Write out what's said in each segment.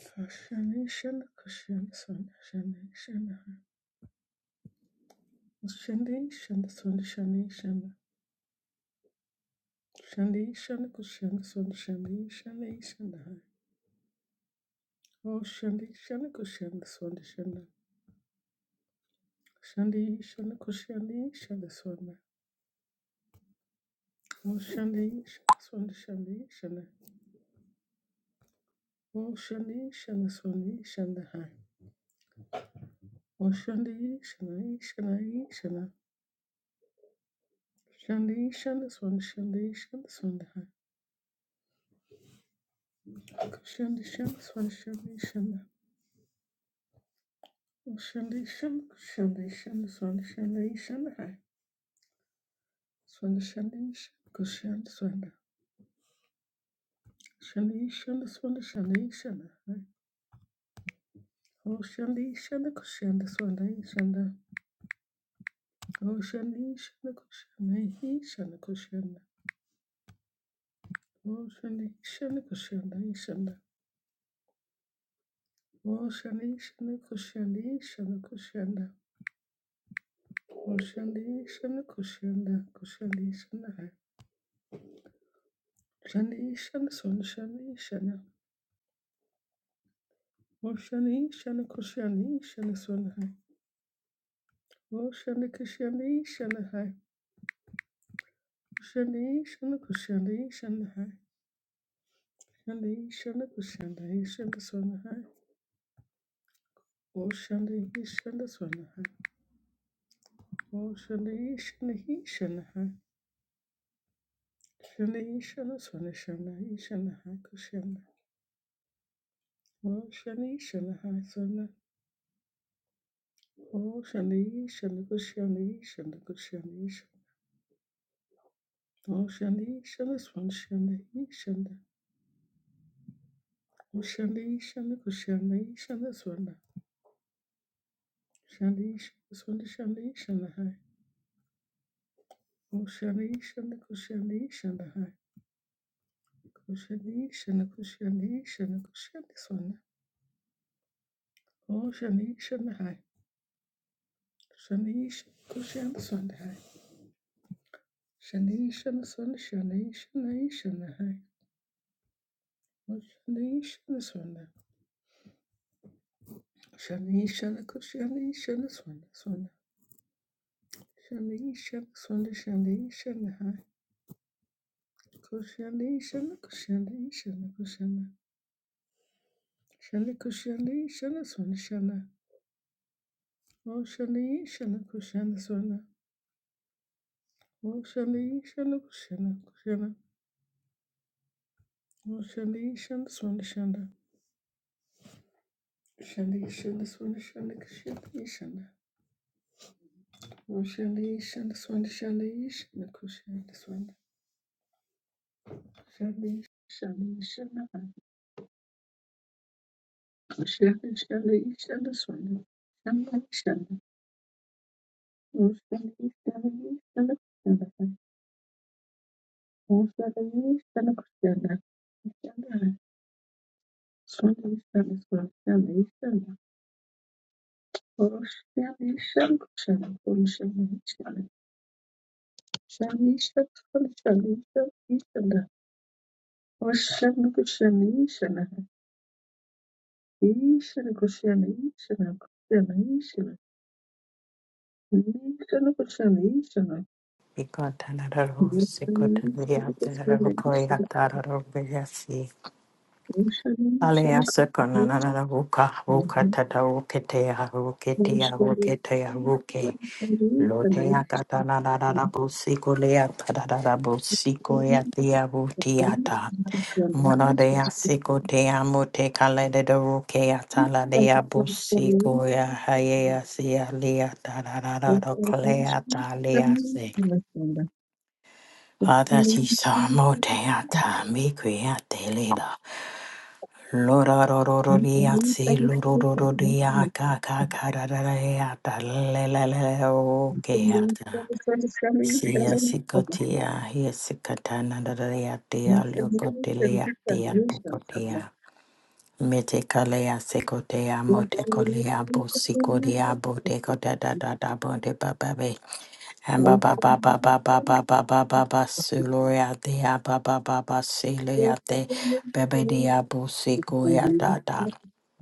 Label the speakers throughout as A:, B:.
A: Shani Shana Kushan Sun Shani Shana Shani Shana Sun Shani Shana Shani Shana Kushan Sun Shani Shani Shana Oh Shani Shana Kushan Sun Shana Shani Shana Kushani Shana Sun Oh Shani Shana Sun Shani Shana Oh Shani Shana Sun Shana Hai Oh Shani Shani Shani Shana Shani Shana Sun Shani Shana Sun Hai Shani Shana Sun Shani Shana Shanda shanda shanda shanda shanda shanda shanda hai. Shanda shanda shanda kushanda shanda. Shanda shanda shanda shanda shanda hai. Oh shanda shanda kushanda shanda shanda. Oh shanda shanda kushanda shanda kushanda. Oh shanda shanda kushanda shanda. Oh shanda shanda kushanda shanda kushanda. Oh shanda shanda kushanda kushanda shanda hai. Shanda shanda shanda shanda shanda. Oshani shana kushani shana sunhai. Oshani kushani shana hai. Shani shana kushani shana hai. Shani shana kushani shana sunhai. Oshani shana sunhai. Oshani shana hi shana hai. Shani shana swana shana hi shana hai kushana. Oshani shana hai swana. Oshani shana kushani shana kushani shana. Oshani shana swana shana hi shana. Kushanda ishanda kushanda ishanda swanda shanda ishanda swanda shanda ishanda hai kushanda ishanda kushanda ishanda hai kushanda ishanda kushanda ishanda kushanda swanda kushanda ishanda hai shanda ishanda kushanda swanda hai shanda ishanda swanda shanda ishanda ishanda hai kushanda ishanda swanda shanda ishanda kushanda ishanda swanda swanda shanda ishanda swanda shanda ishanda hai kushanda ishanda kushanda ishanda kushanda Shana kushani shana swana shana. O shani shana kushana swana. O shani shana kushana kushana. O shana yi shana swana shana. Shana yi shana swana shana kushana yi shana. O shana yi shana swana shana yi shana kushana swana. Shana yi shana shana. Kushana shana shana swana. Shana shana. O shana yi shana shana kushana. O shana yi shana kushana. Kushana. Solution is solution. Solution is solution. Solution is solution. Solution is solution. Solution is solution. Solution is solution. Solution is solution. Solution is solution.
B: Aleasa
A: Solution
B: konanana ruka
A: is
B: ruka tata ruketea ruketea ruketea ruke lotea katana rara busiko lea tarara busiko
A: solution.
B: ya tia
A: Thank
B: rutiata mona dea siko tea mute kalede de ruke atala dea busiko ya Hallelujah. Father Chisa Moteata Mikriate Leda Lorororiatsi Lorororiaka Kakarareata Leleleokeata Sia Sikotia Hisikatana Reatia Lukoteleatia Bukotia Metekalea Sekotea Motekolea Busikodia Botekota Dada Hamba ba ba ba ba ba ba ba ba ba ba suluriate ya ba ba ba ba siliate bebe dia busiku ya da da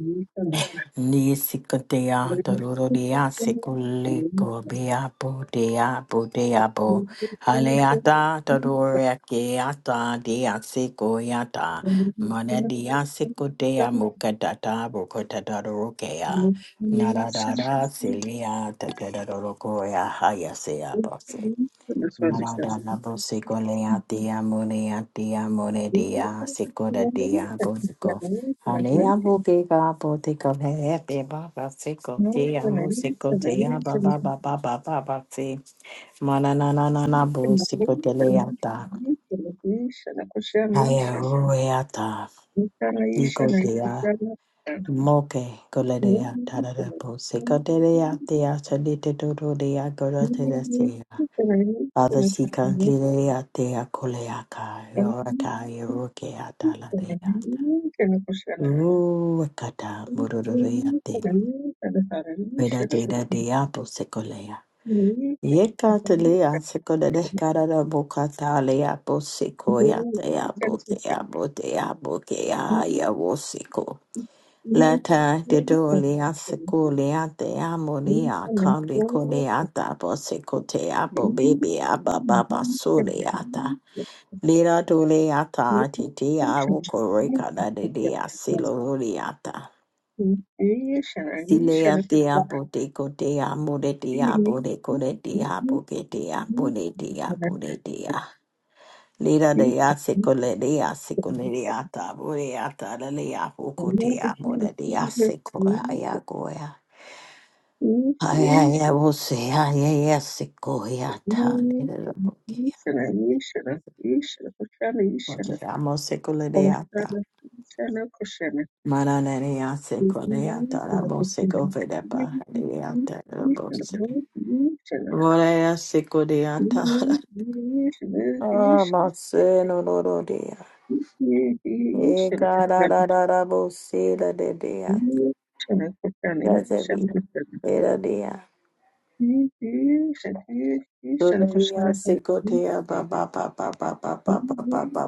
A: you.
B: ni sikatea
A: Nakushanaisha
B: doloro dia sikuliko bia bu dia bu dia bu haleata dodoria keata dia siku ya da mone dia sikutea mukadata bukotata rokea Narada silia tadadadorokoya hayasea Narada Nabu Sikolea Dia Munea Dia Munedia Sikoda Dia Bosiko. Halea Bukika Botiko Hepe Baba Siko Dia Musiko Dia Baba Baba Baba Bati Mananana Busiko Teleata Haya Rueata Niko
A: na
B: Dia
A: ikipenda
B: Moke Koledea Tarada Busiko Telea Dia Salita Dodo Dia
A: Thank
B: Gorotea Father, she can literally atea koleaka, yoraka, yoroke ataladeyata. Ruakata, mururureate. Veda deda deapo secolea. Yeka telea secoda de carada bocata leapo secoia, teabo, teabo, teabo, keaia wosico. Lata de dolea secolea, teamonia, calicoleata, boseco teabo, baby abba, baba, soleata. Lira tole ata atiti awu koreka da de de asilo ata. Sile ate
A: you.
B: apo te ko te amo de te apo
A: Ishana,
B: ko de te apo ke te apo de te apo de te a. Lira de ase de ase de ata apo ata da le apo ko te amo de de ase ko aya ko ya. Aya ya wo aya ya se ko ya ta. Lira la po ke ya. Mo te amo de ata. Mananaria secolea tarabose govedepa hadiata robose. Vorea secodeata. Ah, Marcelo Lorodia. E carararabose la de dea. Casavia. Era dea.
A: He Is and he is he is and Kushana
B: Soleria
A: and he is
B: secotea baba baba baba
A: and
B: baba
A: he
B: baba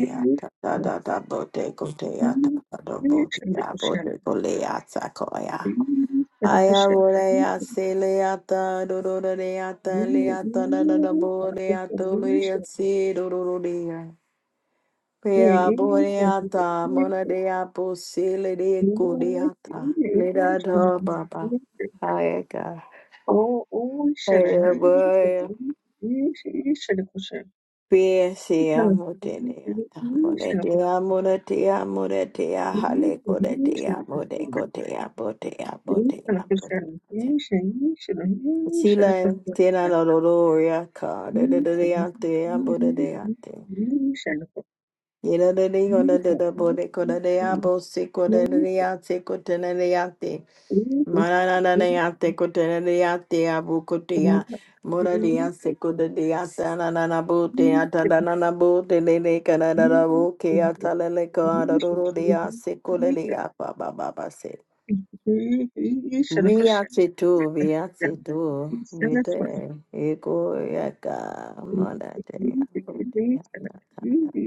A: is
B: Da da da bote
A: and
B: coteata.
A: he
B: Da
A: is
B: bote
A: and the Kushan.
B: bote coleata coia.
A: He is and the
B: Haya
A: Kushan. He
B: volea se leata dororo leata
A: is and he
B: leata da da da
A: is and the
B: boreato lea
A: Kushan.
B: se dororo dea.
A: He
B: Pea
A: is and he is
B: boreata mona
A: and
B: dea posile de
A: he
B: codeata.
A: is he
B: Leda
A: is and
B: da baba.
A: the Kushan.
B: Haya ga.
A: Oh, oh, Shana,
B: Haya
A: he is and
B: boya.
A: he is he is and the Kushan. He is and he is and the Kushan. He is and
B: Pea se amoteneata. Monetea monetea monetea hale
A: he is and
B: codetea
A: the Kushan.
B: modecotea botea
A: Nishana
B: botea
A: kushana
B: botea.
A: nisha nishana
B: Sila
A: nishana
B: tena
A: kushana
B: la doloria ka de de de
A: nisha
B: de
A: nishana
B: ante ambo de de
A: kushana
B: ante. Yela de de go de de de bo de ko de de abo se ko de de de ya se ko de de de ante. Mara na na na na ya te ko de de de ante abu ko te ya. Mora de ya se ko de de ante na na na bo te ya ante da na na bo te de de ka na da na bo ke ante le le ka da do do de ya se ko le de ya ba ba ba ba se.
A: Nishana
B: Riatsito,
A: kushana
B: Riatsito,
A: nishana swana
B: Bide, Ego, Yaka,
A: nishana
B: Madate, Abote,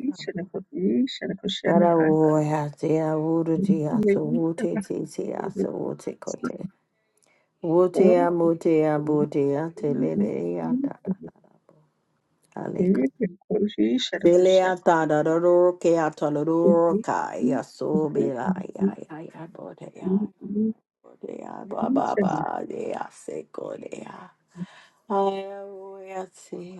A: nishana kushana nishana kushana
B: Karawo, Hate, Awuruti, Atsuwute, Titi, Atsuwute, Kote, Wote, Amote, Abote, Atelele, Yata, Aleka. Bele atada da roke atala roka ya so bela ya ya ya bote ya bote ya ba ba ba ya seko de
A: Thank
B: Hallelujah. See.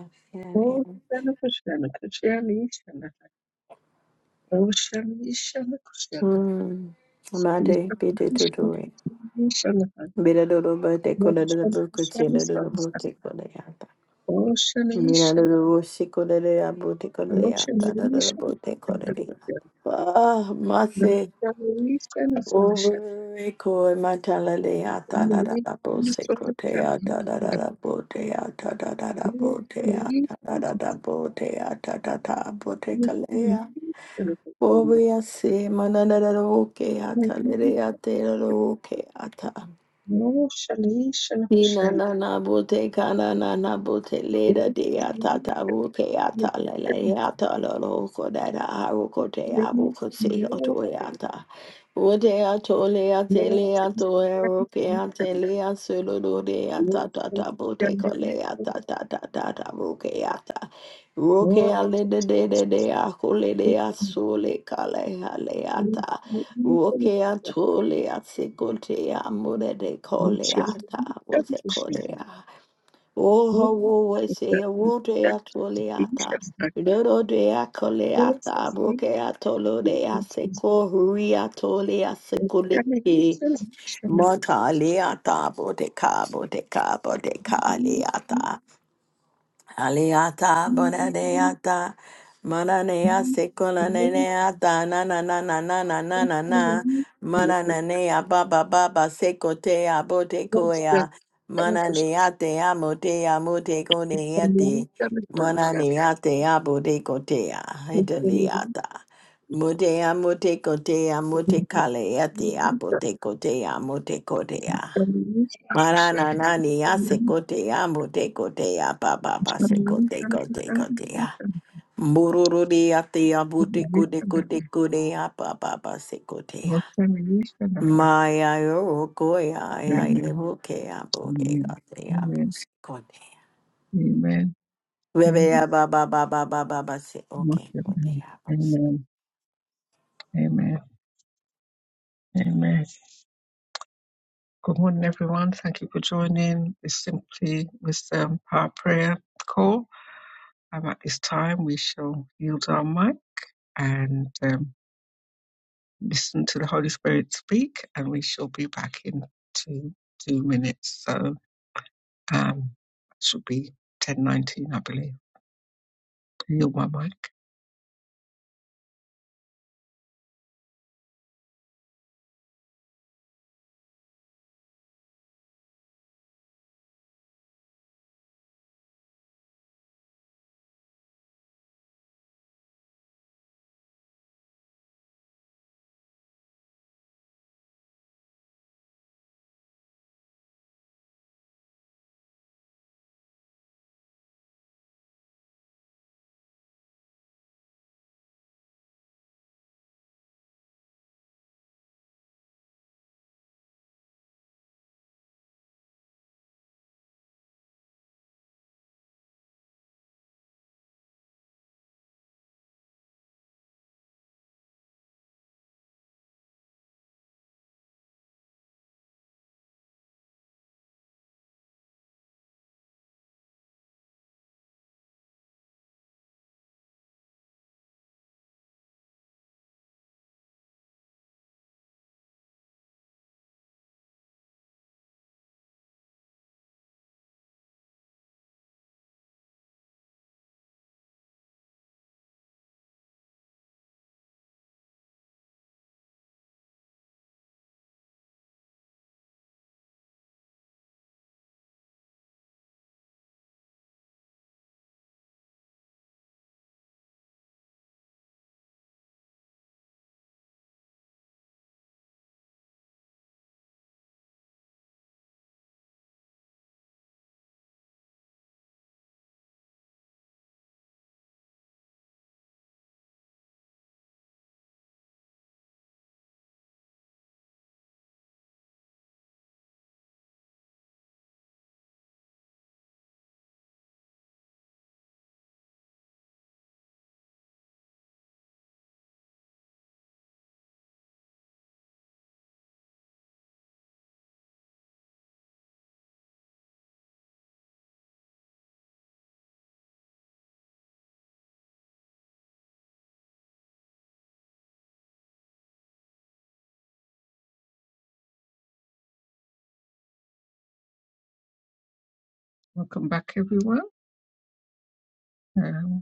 B: Mm. Amade, bide dudui. Bide dudu bate kola dudu buku chile dudu bute kola yata. Mina dudu wushi kola dudu ya bute kola yata. Dudu bute kola dudu.
A: you.
B: Ah, mase.
A: Nastawili skontroliše,
B: Over ko matala de yata da da
A: umí
B: da bose kote
A: kontroliše,
B: yata da da da bote yata da da da bote
A: nastawili
B: yata da da da bote yata da da
A: umí
B: bote
A: kontroliše, telefonu.
B: Obriya se mananararo ke ata
A: Není
B: nereya teraro ke ata.
A: No, šalíše na
B: Ina
A: pošel.
B: na na bote kana na na bote leda
A: Není
B: de ata ta ruke ata lele ata lolo ko da da aru ko te abu kose se
A: není
B: oto e ata. Wote ato le ate le ato e ke ate le asolo do de
A: No,
B: ata ta ta
A: Nashambulia
B: bote
A: Thank
B: ko le ata ta ta ta ta ruke ata. Ruke ale de de de de a le de a so le le ata. Woke atole atsekote amore de kole ata wose korea. Oho wo was a wote
A: you.
B: atole
A: You
B: ata.
A: shall not
B: Dodo de akole
A: bless the
B: ata broke atolo de aseko huri atole asekole ke. Mota le ata bote ka de ka de ka le ata. Aliata, bonadeata, mananea secolaneata, na na na na na na na na na, mananea baba baba secotea botecoia, mananeatea motea moteconeate, mananeatea botecotea, hideliata. Motea motecotea motecaleatea botecotea motecotea. Marana nani ya sekote ya mbote kote ya papa pa sekote kote kote ya. Mbururu de ya te ya bute kude kude kude ya papa pa sekote ya. Maya yo ko ya ya
A: Amen.
B: levo ke ya boke
A: Amen.
B: kote ya
A: Amen.
B: bote kote ya.
A: Amen.
B: Bebe
A: Amen.
B: ya baba baba baba se okay kote
A: Amen.
B: ya.
A: Amen. Amen. Amen. Good morning, everyone. Thank you for joining the Simply Wisdom Power Prayer call. And at this time, we shall yield our mic and um, listen to the Holy Spirit speak, and we shall be back in two two minutes. So um, that should be ten nineteen, I believe. Yield my mic. Welcome back, everyone. Um,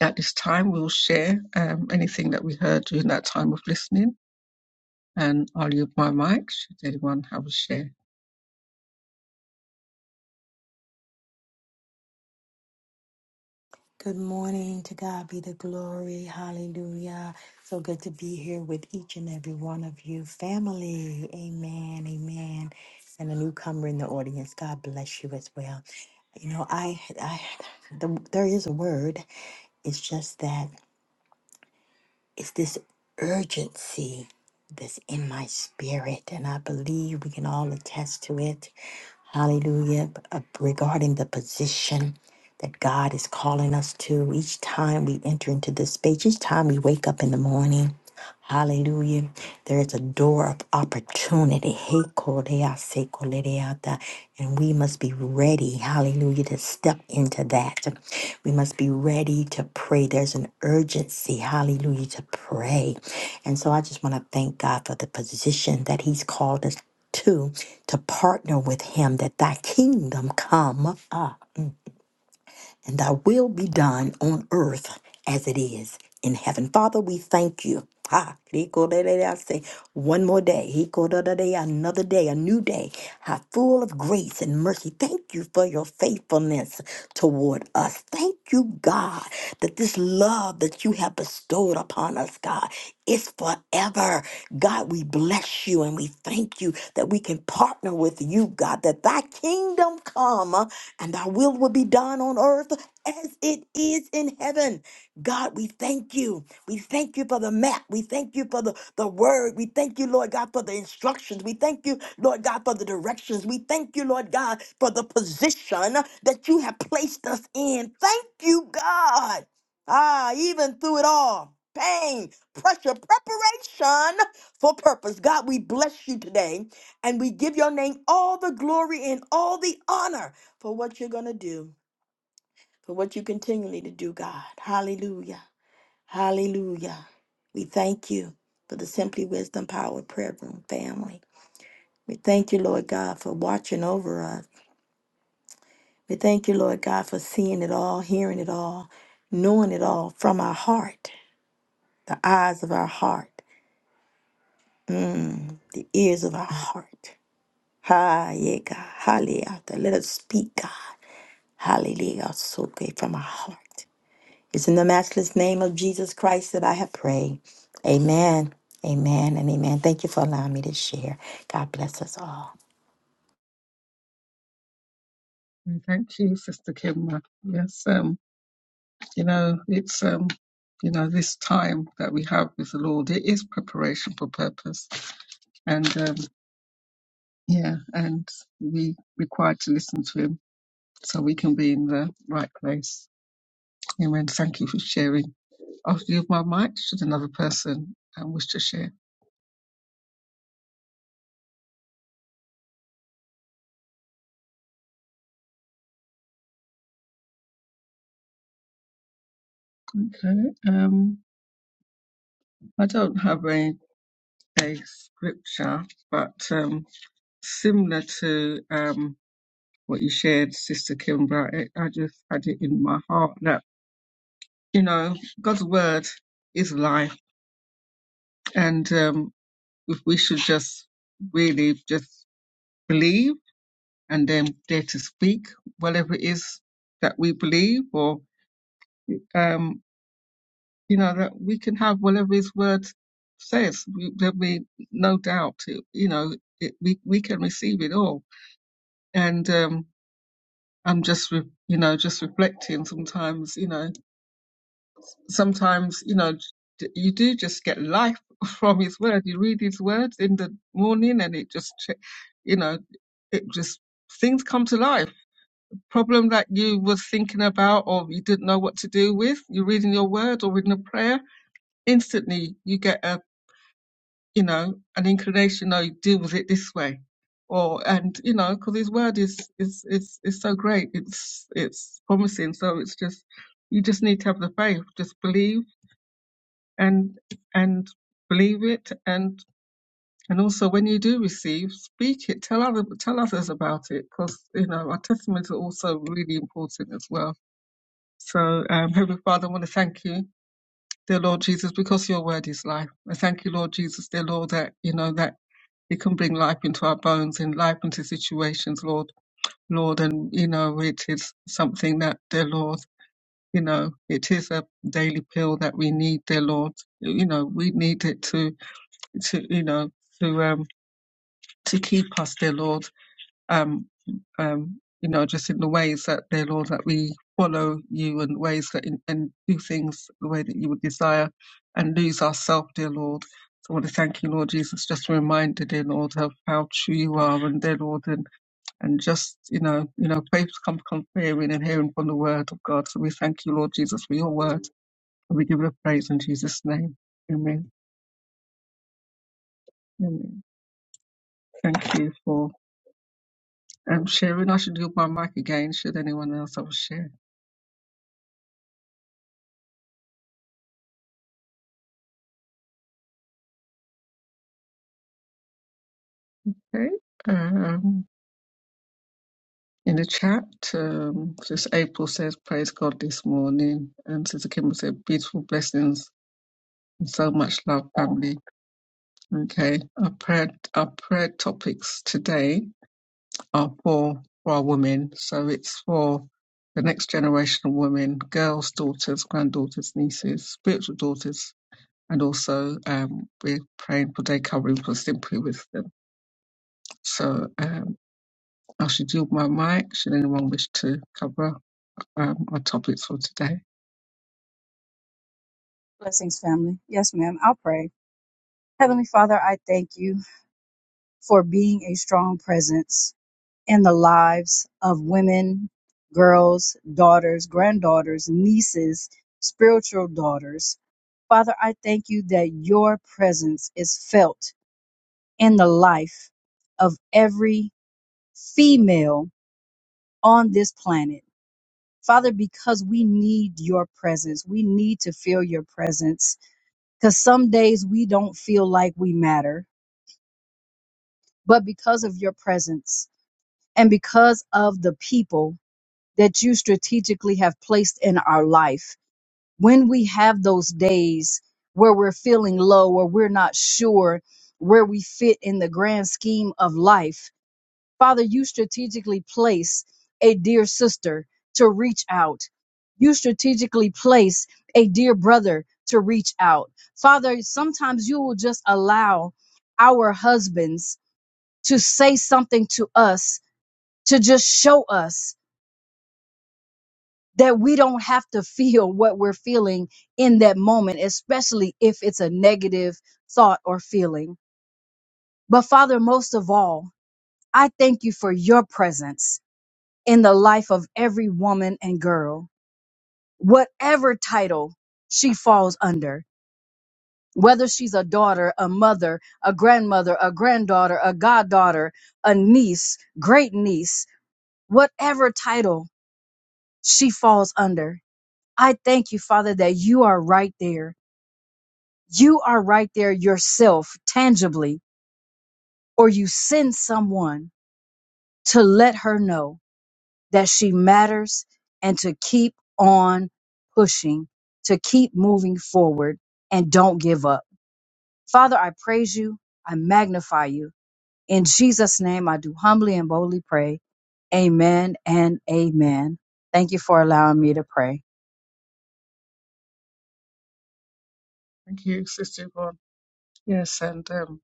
A: at this time. We'll share um, anything that we heard during that time of listening, and I'll use my mic should anyone have a share.
B: Good morning. To God be the glory. Hallelujah. So good to be here with each and every one of you. Family. Amen. Amen. And a newcomer in the audience. God bless you as well. You know, I, I, the, there is a word. It's just that. It's this urgency that's in my spirit, and I believe we can all attest to it. Hallelujah. Uh, Regarding the position that God is calling us to each time we enter into this space, each time we wake up in the morning. Hallelujah. There is a door of opportunity. Hey, Kodea, say Kodea, And we must be ready, hallelujah, to step into that. We must be ready to pray. There's an urgency, hallelujah, to pray. And so I just want to thank God for the position that He's called us to, to partner with Him that thy kingdom come. Uh, and thy will be done on earth as it is in heaven. Father, we thank you. Ha, rico de de de, I say one more day, rico de de de, another day, a new day, ha, full of grace and mercy. Thank you for your faithfulness toward us. Thank you, God, that this love that you have bestowed upon us, God, is forever. God, we bless you and we thank you that we can partner with you, God, that thy kingdom come and thy will will be done on earth as it is in heaven. God, we thank you. We thank you for the map. We thank you for the, the word. We thank you, Lord God, for the instructions. We thank you, Lord God, for the directions. We thank you, Lord God, for the position that you have placed us in. Thank you, God. Ah, even through it all. Pain, pressure, preparation for purpose. God, we bless you today. And we give your name all the glory and all the honor for what you're going to do, for what you continually to do, God. Hallelujah. Hallelujah. We thank you for the Simply Wisdom Power Prayer Room family. We thank you, Lord God, for watching over us. We thank you, Lord God, for seeing it all, hearing it all, knowing it all from our heart, the eyes of our heart, the ears of our heart. Ha, yeah, God. Hallelujah. Let us speak, God. Hallelujah. So great from our heart. It's in the matchless name of Jesus Christ that I have prayed. Amen. Amen and amen. Thank you for allowing me to share. God bless us all.
A: And Thank you, Sister Kimber. Yes, um, you know, it's um, you know, this time that we have with the Lord, it is preparation for purpose. And um, yeah, and we required to listen to him so we can be in the right place. Amen. Thank you for sharing. I'll yield my mic should another person um, wish to share. Okay. Um, I don't have a, a scripture, but um, similar to um, what you shared, Sister Kimbra, it, I just had it in my heart that, you know, God's word is life. And um, if we should just really just believe and then dare to speak, whatever it is that we believe or Um, you know that we can have whatever his word says we, there'll be no doubt it, you know it, we we can receive it all and um i'm just re- you know just reflecting sometimes you know sometimes you know d- you do just get life from his word you read his words in the morning and it just ch- you know it just things come to life problem that you was thinking about or you didn't know what to do with you're reading your word or reading a prayer instantly you get a you know, an inclination, no, deal with it this way. Or, and, you know, because his word is, is, is, is so great. It's, it's promising. So it's just, you just need to have the faith. Just believe and, and believe it. And, and also when you do receive, speak it. Tell other, tell others about it. Because, you know, our testimonies are also really important as well. So, um, Heavenly Father, I want to thank you dear Lord Jesus, because your word is life. I thank you, Lord Jesus, dear Lord, that you know that it can bring life into our bones and life into situations, Lord, Lord, and you know it is something that, dear Lord, you know it is a daily pill that we need, dear Lord. You know we need it to, to you know, to um to keep us, dear Lord um, um, you know, just in the ways that, dear Lord, that we follow you and ways that in, and do things the way that you would desire and lose ourselves, dear Lord. So I want to thank you, Lord Jesus, just a reminder, dear Lord, of how true you are and dear Lord and, and just, you know, you know, faith comes from hearing and hearing from the word of God. So we thank you, Lord Jesus, for your word. And we give you praise in Jesus' name. Amen. Amen. Thank you for um, sharing. I should do my mic again, should anyone else have a share. Okay. Um, in the chat, um, Sister April says, Praise God this morning. And Sister Kimber said, Beautiful blessings and so much love, family. Okay. Our prayer, our prayer topics today are for, for our women. So it's for the next generation of women, girls, daughters, granddaughters, nieces, spiritual daughters. And also, um, we're praying for day covering for simply wisdom. So, um, I should yield my mic. Should anyone wish to cover um, our topic for today.
C: Blessings, family. Yes, ma'am. I'll pray. Heavenly Father, I thank you for being a strong presence in the lives of women, girls, daughters, granddaughters, nieces, spiritual daughters. Father, I thank you that your presence is felt in the life of every female on this planet. Father, because we need your presence, we need to feel your presence because some days we don't feel like we matter but because of your presence and because of the people that you strategically have placed in our life. When we have those days where we're feeling low or we're not sure where we fit in the grand scheme of life, Father, you strategically place a dear sister to reach out. You strategically place a dear brother to reach out. Father, sometimes you will just allow our husbands to say something to us to just show us that we don't have to feel what we're feeling in that moment, especially if it's a negative thought or feeling. But Father, most of all, I thank you for your presence in the life of every woman and girl, whatever title she falls under, whether she's a daughter, a mother, a grandmother, a granddaughter, a goddaughter, a niece, great niece, whatever title she falls under. I thank you, Father, that you are right there. You are right there yourself, tangibly, or you send someone to let her know that she matters and to keep on pushing, to keep moving forward and don't give up. Father, I praise you. I magnify you. In Jesus' name, I do humbly and boldly pray. Amen and amen. Thank you for allowing me to pray.
A: Thank you, Sister Yvonne. Yes, and um,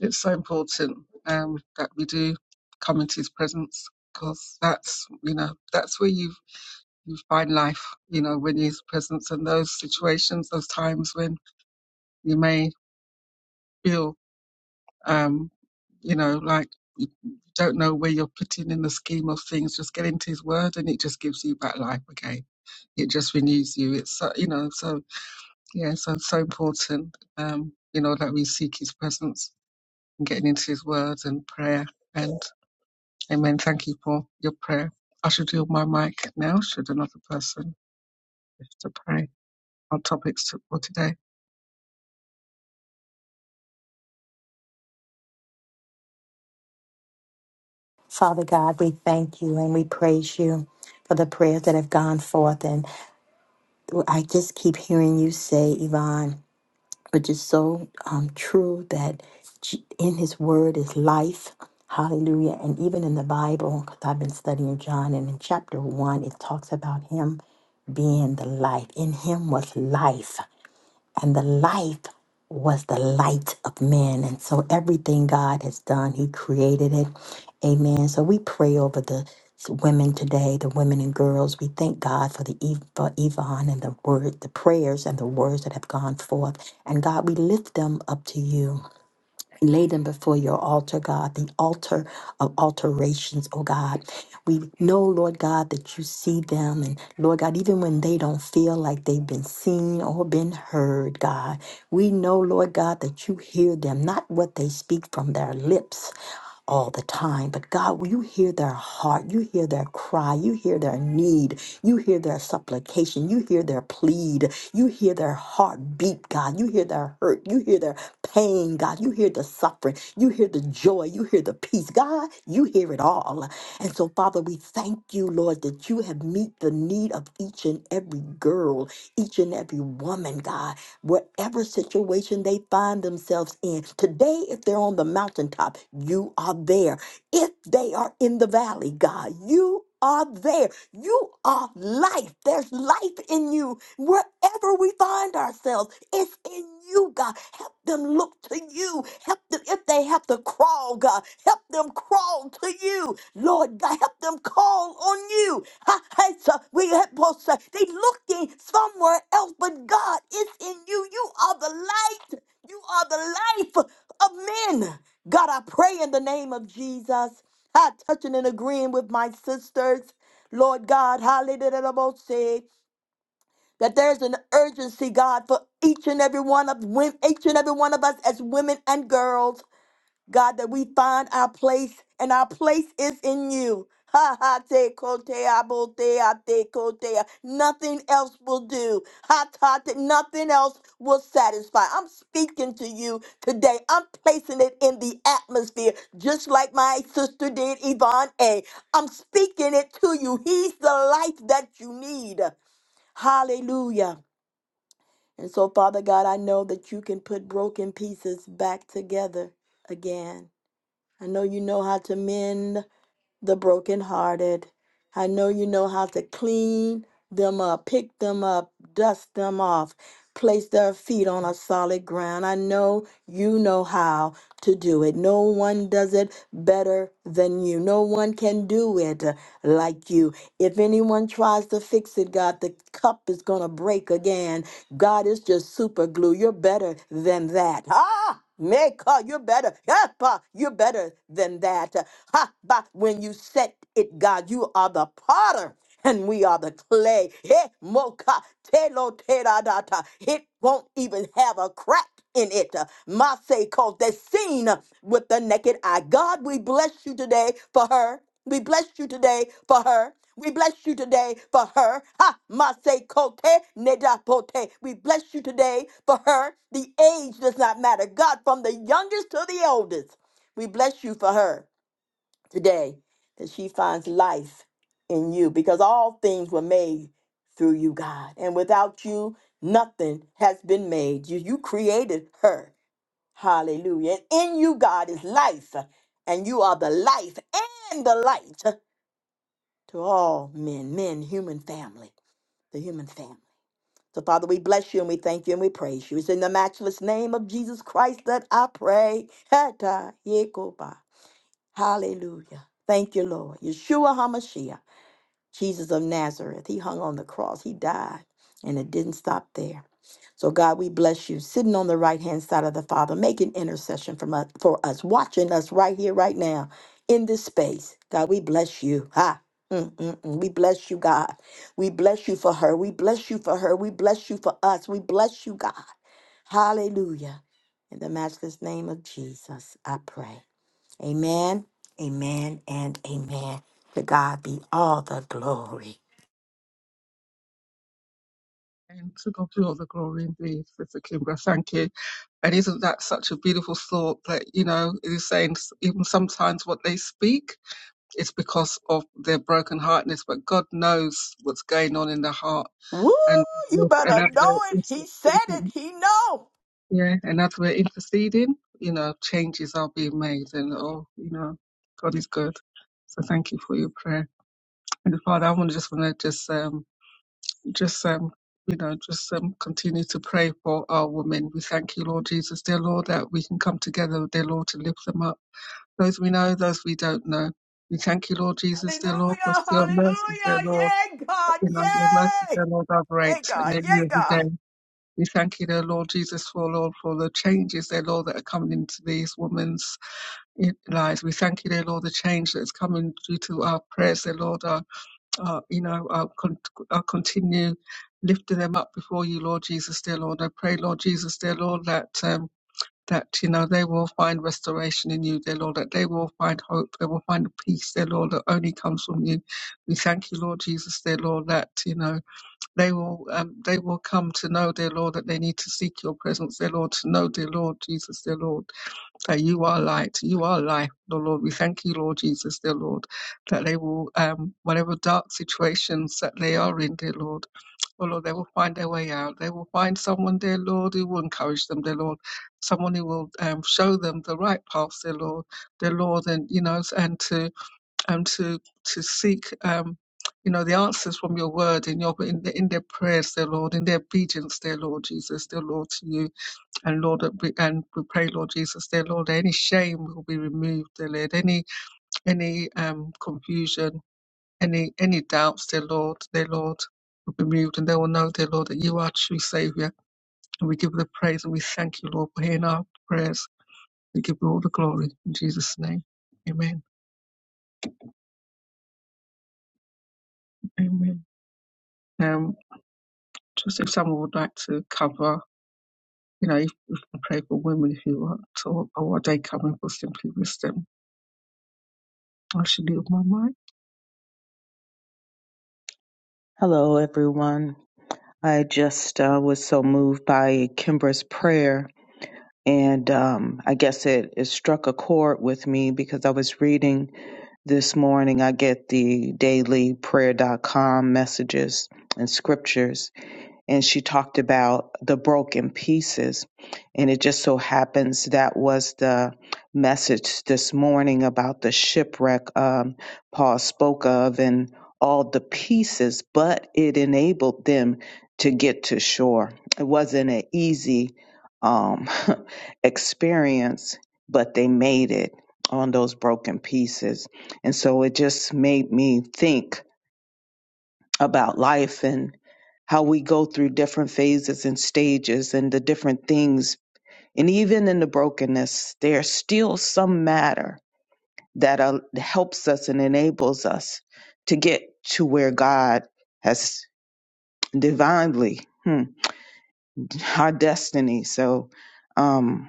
A: it's so important um, that we do come into His presence because that's you know that's where you you find life. You know when His presence and those situations, those times when you may feel um, you know like you don't know where you're putting in the scheme of things. Just get into His Word, and it just gives you back life again. It just renews you. It's so, you know so Yes, and so important, um, you know, that we seek His presence and getting into His words and prayer. And Amen. Thank you for your prayer. I should yield my mic now. Should another person wish to pray on topics to- for today?
B: Father God, we thank you and we praise you for the prayers that have gone forth. And I just keep hearing you say, Yvonne, which is so um, true that J- in his word is life. Hallelujah. And even in the Bible, because I've been studying John, and in chapter one, it talks about him being the life. In him was life and the life was the light of men. And so everything God has done, He created it. Amen. So we pray over the women today, the women and girls. We thank God for the Ev- for Yvonne and the word, the prayers and the words that have gone forth. And God, we lift them up to you lay them before your altar, God, the altar of alterations, oh God. We know, Lord God, that you see them. And Lord God, even when they don't feel like they've been seen or been heard, God, we know, Lord God, that you hear them, not what they speak from their lips all the time. But God, you hear their heart, you hear their cry, you hear their need, you hear their supplication, you hear their plead, you hear their heartbeat, God, you hear their hurt, you hear their pain, God, you hear the suffering, you hear the joy, you hear the peace, God, you hear it all. And so, Father, we thank you, Lord, that you have meet the need of each and every girl, each and every woman, God whatever situation they find themselves in. Today, if they're on the mountaintop, you are there. If they are in the valley, God, you are there. You are life. There's life in you. Wherever we find ourselves, it's in you, God. Help them look to you. Help them if they have to crawl, God. Help them crawl to you. Lord God, help them call on you. Ha, ha, so We have both say they looking somewhere else, but God, it's in you. You are the light. You are the life of men. God, I pray in the name of Jesus. I touching and agreeing with my sisters. Lord God, hallelujah, say that there's an urgency, God, for each and every one of women, each and every one of us as women and girls. God, that we find our place, and our place is in you. Ha ha te kotea botea te kotea. Nothing else will do. Ha ta te, nothing else will satisfy. I'm speaking to you today. I'm placing it in the atmosphere, just like my sister did, Yvonne A. I'm speaking it to you. He's the life that you need. Hallelujah. And so, Father God, I know that you can put broken pieces back together again. I know you know how to mend the brokenhearted. I know you know how to clean them up, pick them up, dust them off, place their feet on a solid ground. I know you know how to do it. No one does it better than you. No one can do it uh, like you. If anyone tries to fix it, God, the cup is going to break again. God is just super glue. You're better than that. Ah! Meka, you're better. Epa, you're better than that. Ha, ba, when you set it, God, you are the potter and we are the clay. Eh, moka, telo, tera, data. It won't even have a crack in it. Mase cause they seen with the naked eye. God, we bless you today for her. We bless you today for her. We bless you today for her. Ha, Mase Kote Nedapote. We bless you today for her. The age does not matter. God, from the youngest to the oldest, we bless you for her today that she finds life in you because all things were made through you, God. And without you, nothing has been made. You, you created her. Hallelujah. And in you, God, is life. And you are the life and the light to all men, men, human family, the human family. So, Father, we bless you and we thank you and we praise you. It's in the matchless name of Jesus Christ that I pray. Hallelujah. Thank you, Lord. Yeshua HaMashiach, Jesus of Nazareth. He hung on the cross, he died, and it didn't stop there. So, God, we bless you, sitting on the right hand side of the Father, making intercession from us, for us, watching us right here, right now, in this space. God, we bless you. Ha. Mm, mm, mm. We bless you, God. We bless you for her. We bless you for her. We bless you for us. We bless you, God. Hallelujah. In the matchless name of Jesus, I pray. Amen, amen, and amen. To God be all the glory.
A: And to God be all the glory indeed, Sister Kimbra. Thank you. And isn't that such a beautiful thought that, you know, it is saying s- even sometimes what they speak is because of their broken heartness, but God knows what's going on in the heart.
B: Woo!
A: And,
B: You
A: and
B: better
A: as we
B: know it. He said
A: are
B: it. He know.
A: Yeah, and as we're interceding, you know, changes are being made and oh, you know, God is good. So thank you for your prayer. And Father, I want to just wanna just um just um you know, just um, continue to pray for our women. We thank you, Lord Jesus, dear Lord, that we can come together, dear Lord, to lift them up. Those we know, those we don't know. We thank you, Lord Jesus, dear Lord, for
B: Hallelujah,
A: your mercies, dear
B: hallelujah.
A: Lord.
B: Yay, God,
A: You know, your mercies,
B: yay.
A: dear Lord, are
B: Yay,
A: great and
B: God,
A: they're new
B: yay,
A: every day.
B: God.
A: We thank you, dear Lord Jesus, for Lord, for the changes, dear Lord, that are coming into these women's eh, lives. We thank you, dear Lord, the change that's coming due to our prayers, dear Lord, our, our you know, our, con- our continue lifting them up before you, Lord Jesus, dear Lord. I pray, Lord Jesus, dear Lord, that um, that you know they will find restoration in you, dear Lord. That they will find hope. They will find peace, dear Lord, that only comes from you. We thank you, Lord Jesus, dear Lord, that you know they will um, they will come to know, dear Lord, that they need to seek your presence, dear Lord, to know, dear Lord Jesus, dear Lord, that you are light, you are life, dear Lord. We thank you, Lord Jesus, dear Lord, that they will, um, whatever dark situations that they are in, dear Lord, oh Lord, they will find their way out. They will find someone, dear Lord, who will encourage them, dear Lord, someone who will um, show them the right path, dear Lord, dear Lord, and you know, and to and to to seek um, you know the answers from your word in your in, the, in their prayers, dear Lord, in their obedience, dear Lord Jesus, dear Lord to you, and Lord that we, and we pray, Lord Jesus, dear Lord, that any shame will be removed, dear Lord, any any um, confusion, any any doubts, dear Lord, dear Lord. Will be removed, and they will know, dear Lord, that you are true Savior. And we give you the praise and we thank you, Lord, for hearing our prayers. We give you all the glory in Jesus' name. Amen. Amen. Um, just if someone would like to cover, you know, if we can pray for women if you want, or, or what they come in for simply wisdom. I should leave my mic.
D: Hello, everyone. I just uh, was so moved by Kimbra's prayer, and um, I guess it, it struck a chord with me because I was reading this morning. I get the daily Prayer dot com messages and scriptures, and she talked about the broken pieces. And it just so happens that was the message this morning about the shipwreck um, Paul spoke of and all the pieces, but it enabled them to get to shore. It wasn't an easy um, experience, but they made it on those broken pieces. And so it just made me think about life and how we go through different phases and stages and the different things. And even in the brokenness, there's still some matter that uh, helps us and enables us to get to where God has divinely hmm, our destiny. So, um,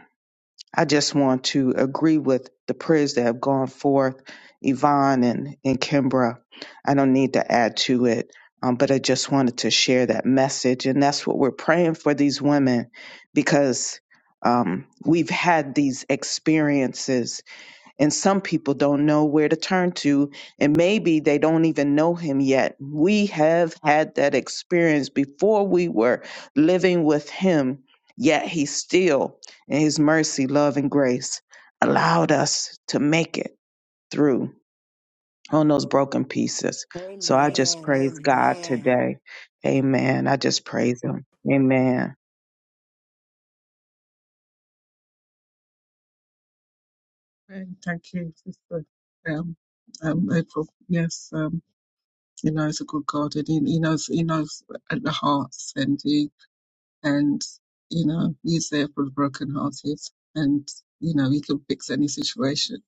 D: I just want to agree with the prayers that have gone forth, Yvonne and, and Kimbra. I don't need to add to it, um, but I just wanted to share that message. And that's what we're praying for these women because um, we've had these experiences and some people don't know where to turn to and maybe they don't even know him yet we have had that experience before we were living with him yet he still in his mercy love and grace allowed us to make it through on those broken pieces so i just
B: Amen,
D: praise god
B: amen.
D: today amen i just praise him amen
A: And thank you, sister. Um, um, April, yes, um, he knows a good God, and he, he knows he knows at the hearts, and he and you know he's there for the broken hearted, and you know he can fix any situation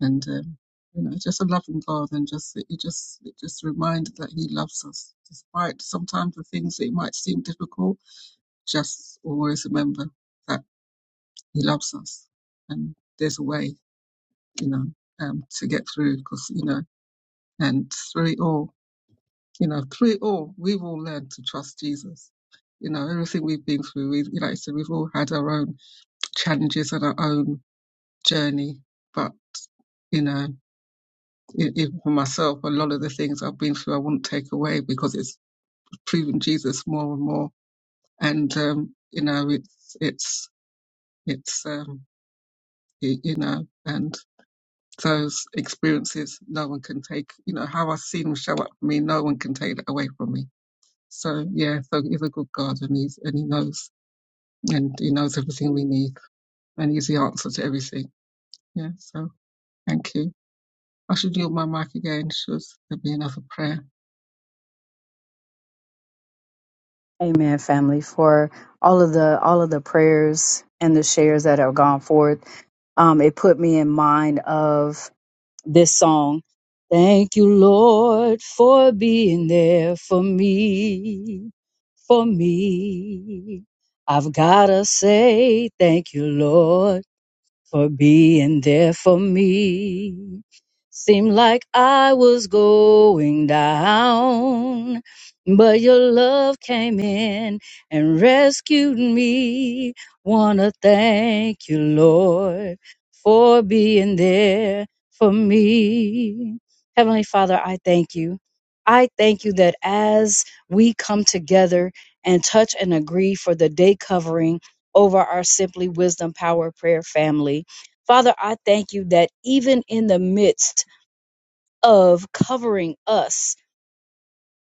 A: and um, you know just a loving God and just it just it just reminded that He loves us despite sometimes the things that it might seem difficult. Just always remember that He loves us and there's a way, you know, um, to get through because you know and through it all, you know, through it all, we've all learned to trust Jesus. You know, everything we've been through, we, like I said, we've all had our own challenges and our own journey, but you know. e- even for myself, a lot of the things I've been through, I wouldn't take away because it's proven Jesus more and more. And um, you know, it's it's it's um, y- you know, and those experiences, no one can take. You know, how I've seen him show up for me, no one can take that away from me. So yeah, so he's a good God, and he's and he knows, and he knows everything we need, and he's the answer to everything. Yeah. So thank you. I should yield my mic again. Should there be another prayer?
C: Amen, family, for all of the all of the prayers and the shares that have gone forth. Um, it put me in mind of this song. Thank you, Lord, for being there for me, for me. I've gotta say thank you, Lord for being there for me. Seemed like I was going down, but your love came in and rescued me. Wanna thank you, Lord, for being there for me. Heavenly Father, I thank you. I thank you that as we come together and touch and agree for the day covering over our Simply Wisdom Power Prayer family. Father, I thank you that even in the midst of covering us,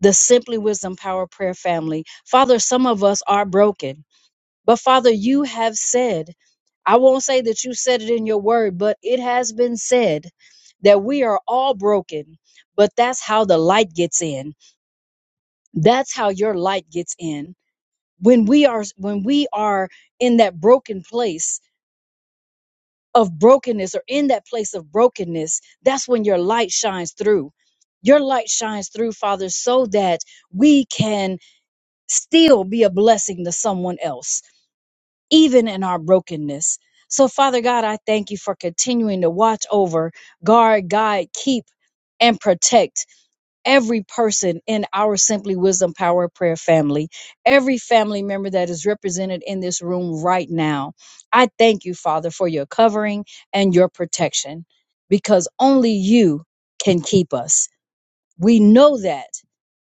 C: the Simply Wisdom Power Prayer family, Father, some of us are broken. But Father, you have said, I won't say that you said it in your word, but it has been said that we are all broken, but that's how the light gets in. That's how your light gets in. When we are when we are in that broken place, of brokenness or in that place of brokenness, that's when your light shines through. Your light shines through, Father, so that we can still be a blessing to someone else, even in our brokenness. So, Father God, I thank you for continuing to watch over, guard, guide, keep, and protect every person in our Simply Wisdom Power of Prayer family, every family member that is represented in this room right now. I thank you, Father, for your covering and your protection because only you can keep us. We know that,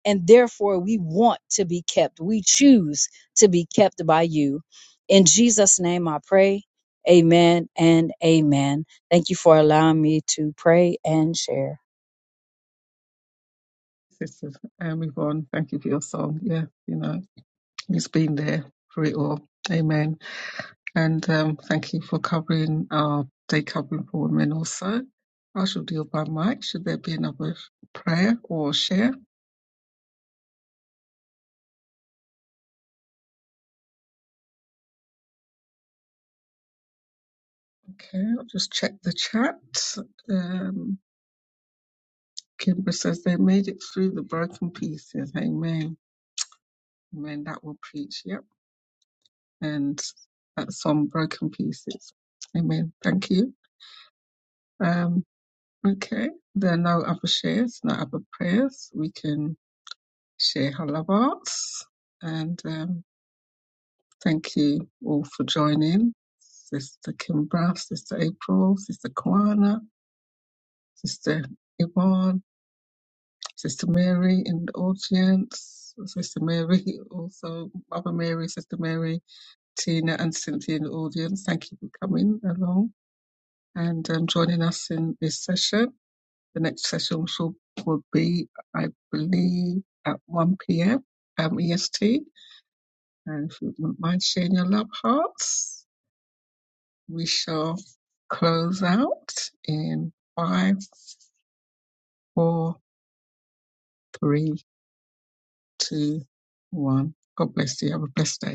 C: and therefore we want to be kept. We choose to be kept by you. In Jesus' name I pray. Amen and amen. Thank you for allowing me to pray and share.
A: Sister um, Yvonne, thank you for your song. Yeah, you know, he's been there for it all. Amen. And um, thank you for covering our day covering for women also. I shall deal by mic. Should there be another prayer or share? Okay, I'll just check the chat. Um, Kimber says they made it through the broken pieces. Amen. Amen. That will preach. Yep. And that's on broken pieces. Amen. Thank you. Um, Okay, there are no other shares, no other prayers. We can share halavats. And um, thank you all for joining. Sister Kimbra, Sister April, Sister Kwana, Sister Yvonne, Sister Mary in the audience, Sister Mary also, Mother Mary, Sister Mary, Tina and Cynthia in the audience. Thank you for coming along and um, joining us in this session. The next session also will be, I believe, at 1 p.m. Um, EST. And if you wouldn't mind sharing your love hearts, we shall close out in five, four, three, two, one. God bless you. Have a blessed day.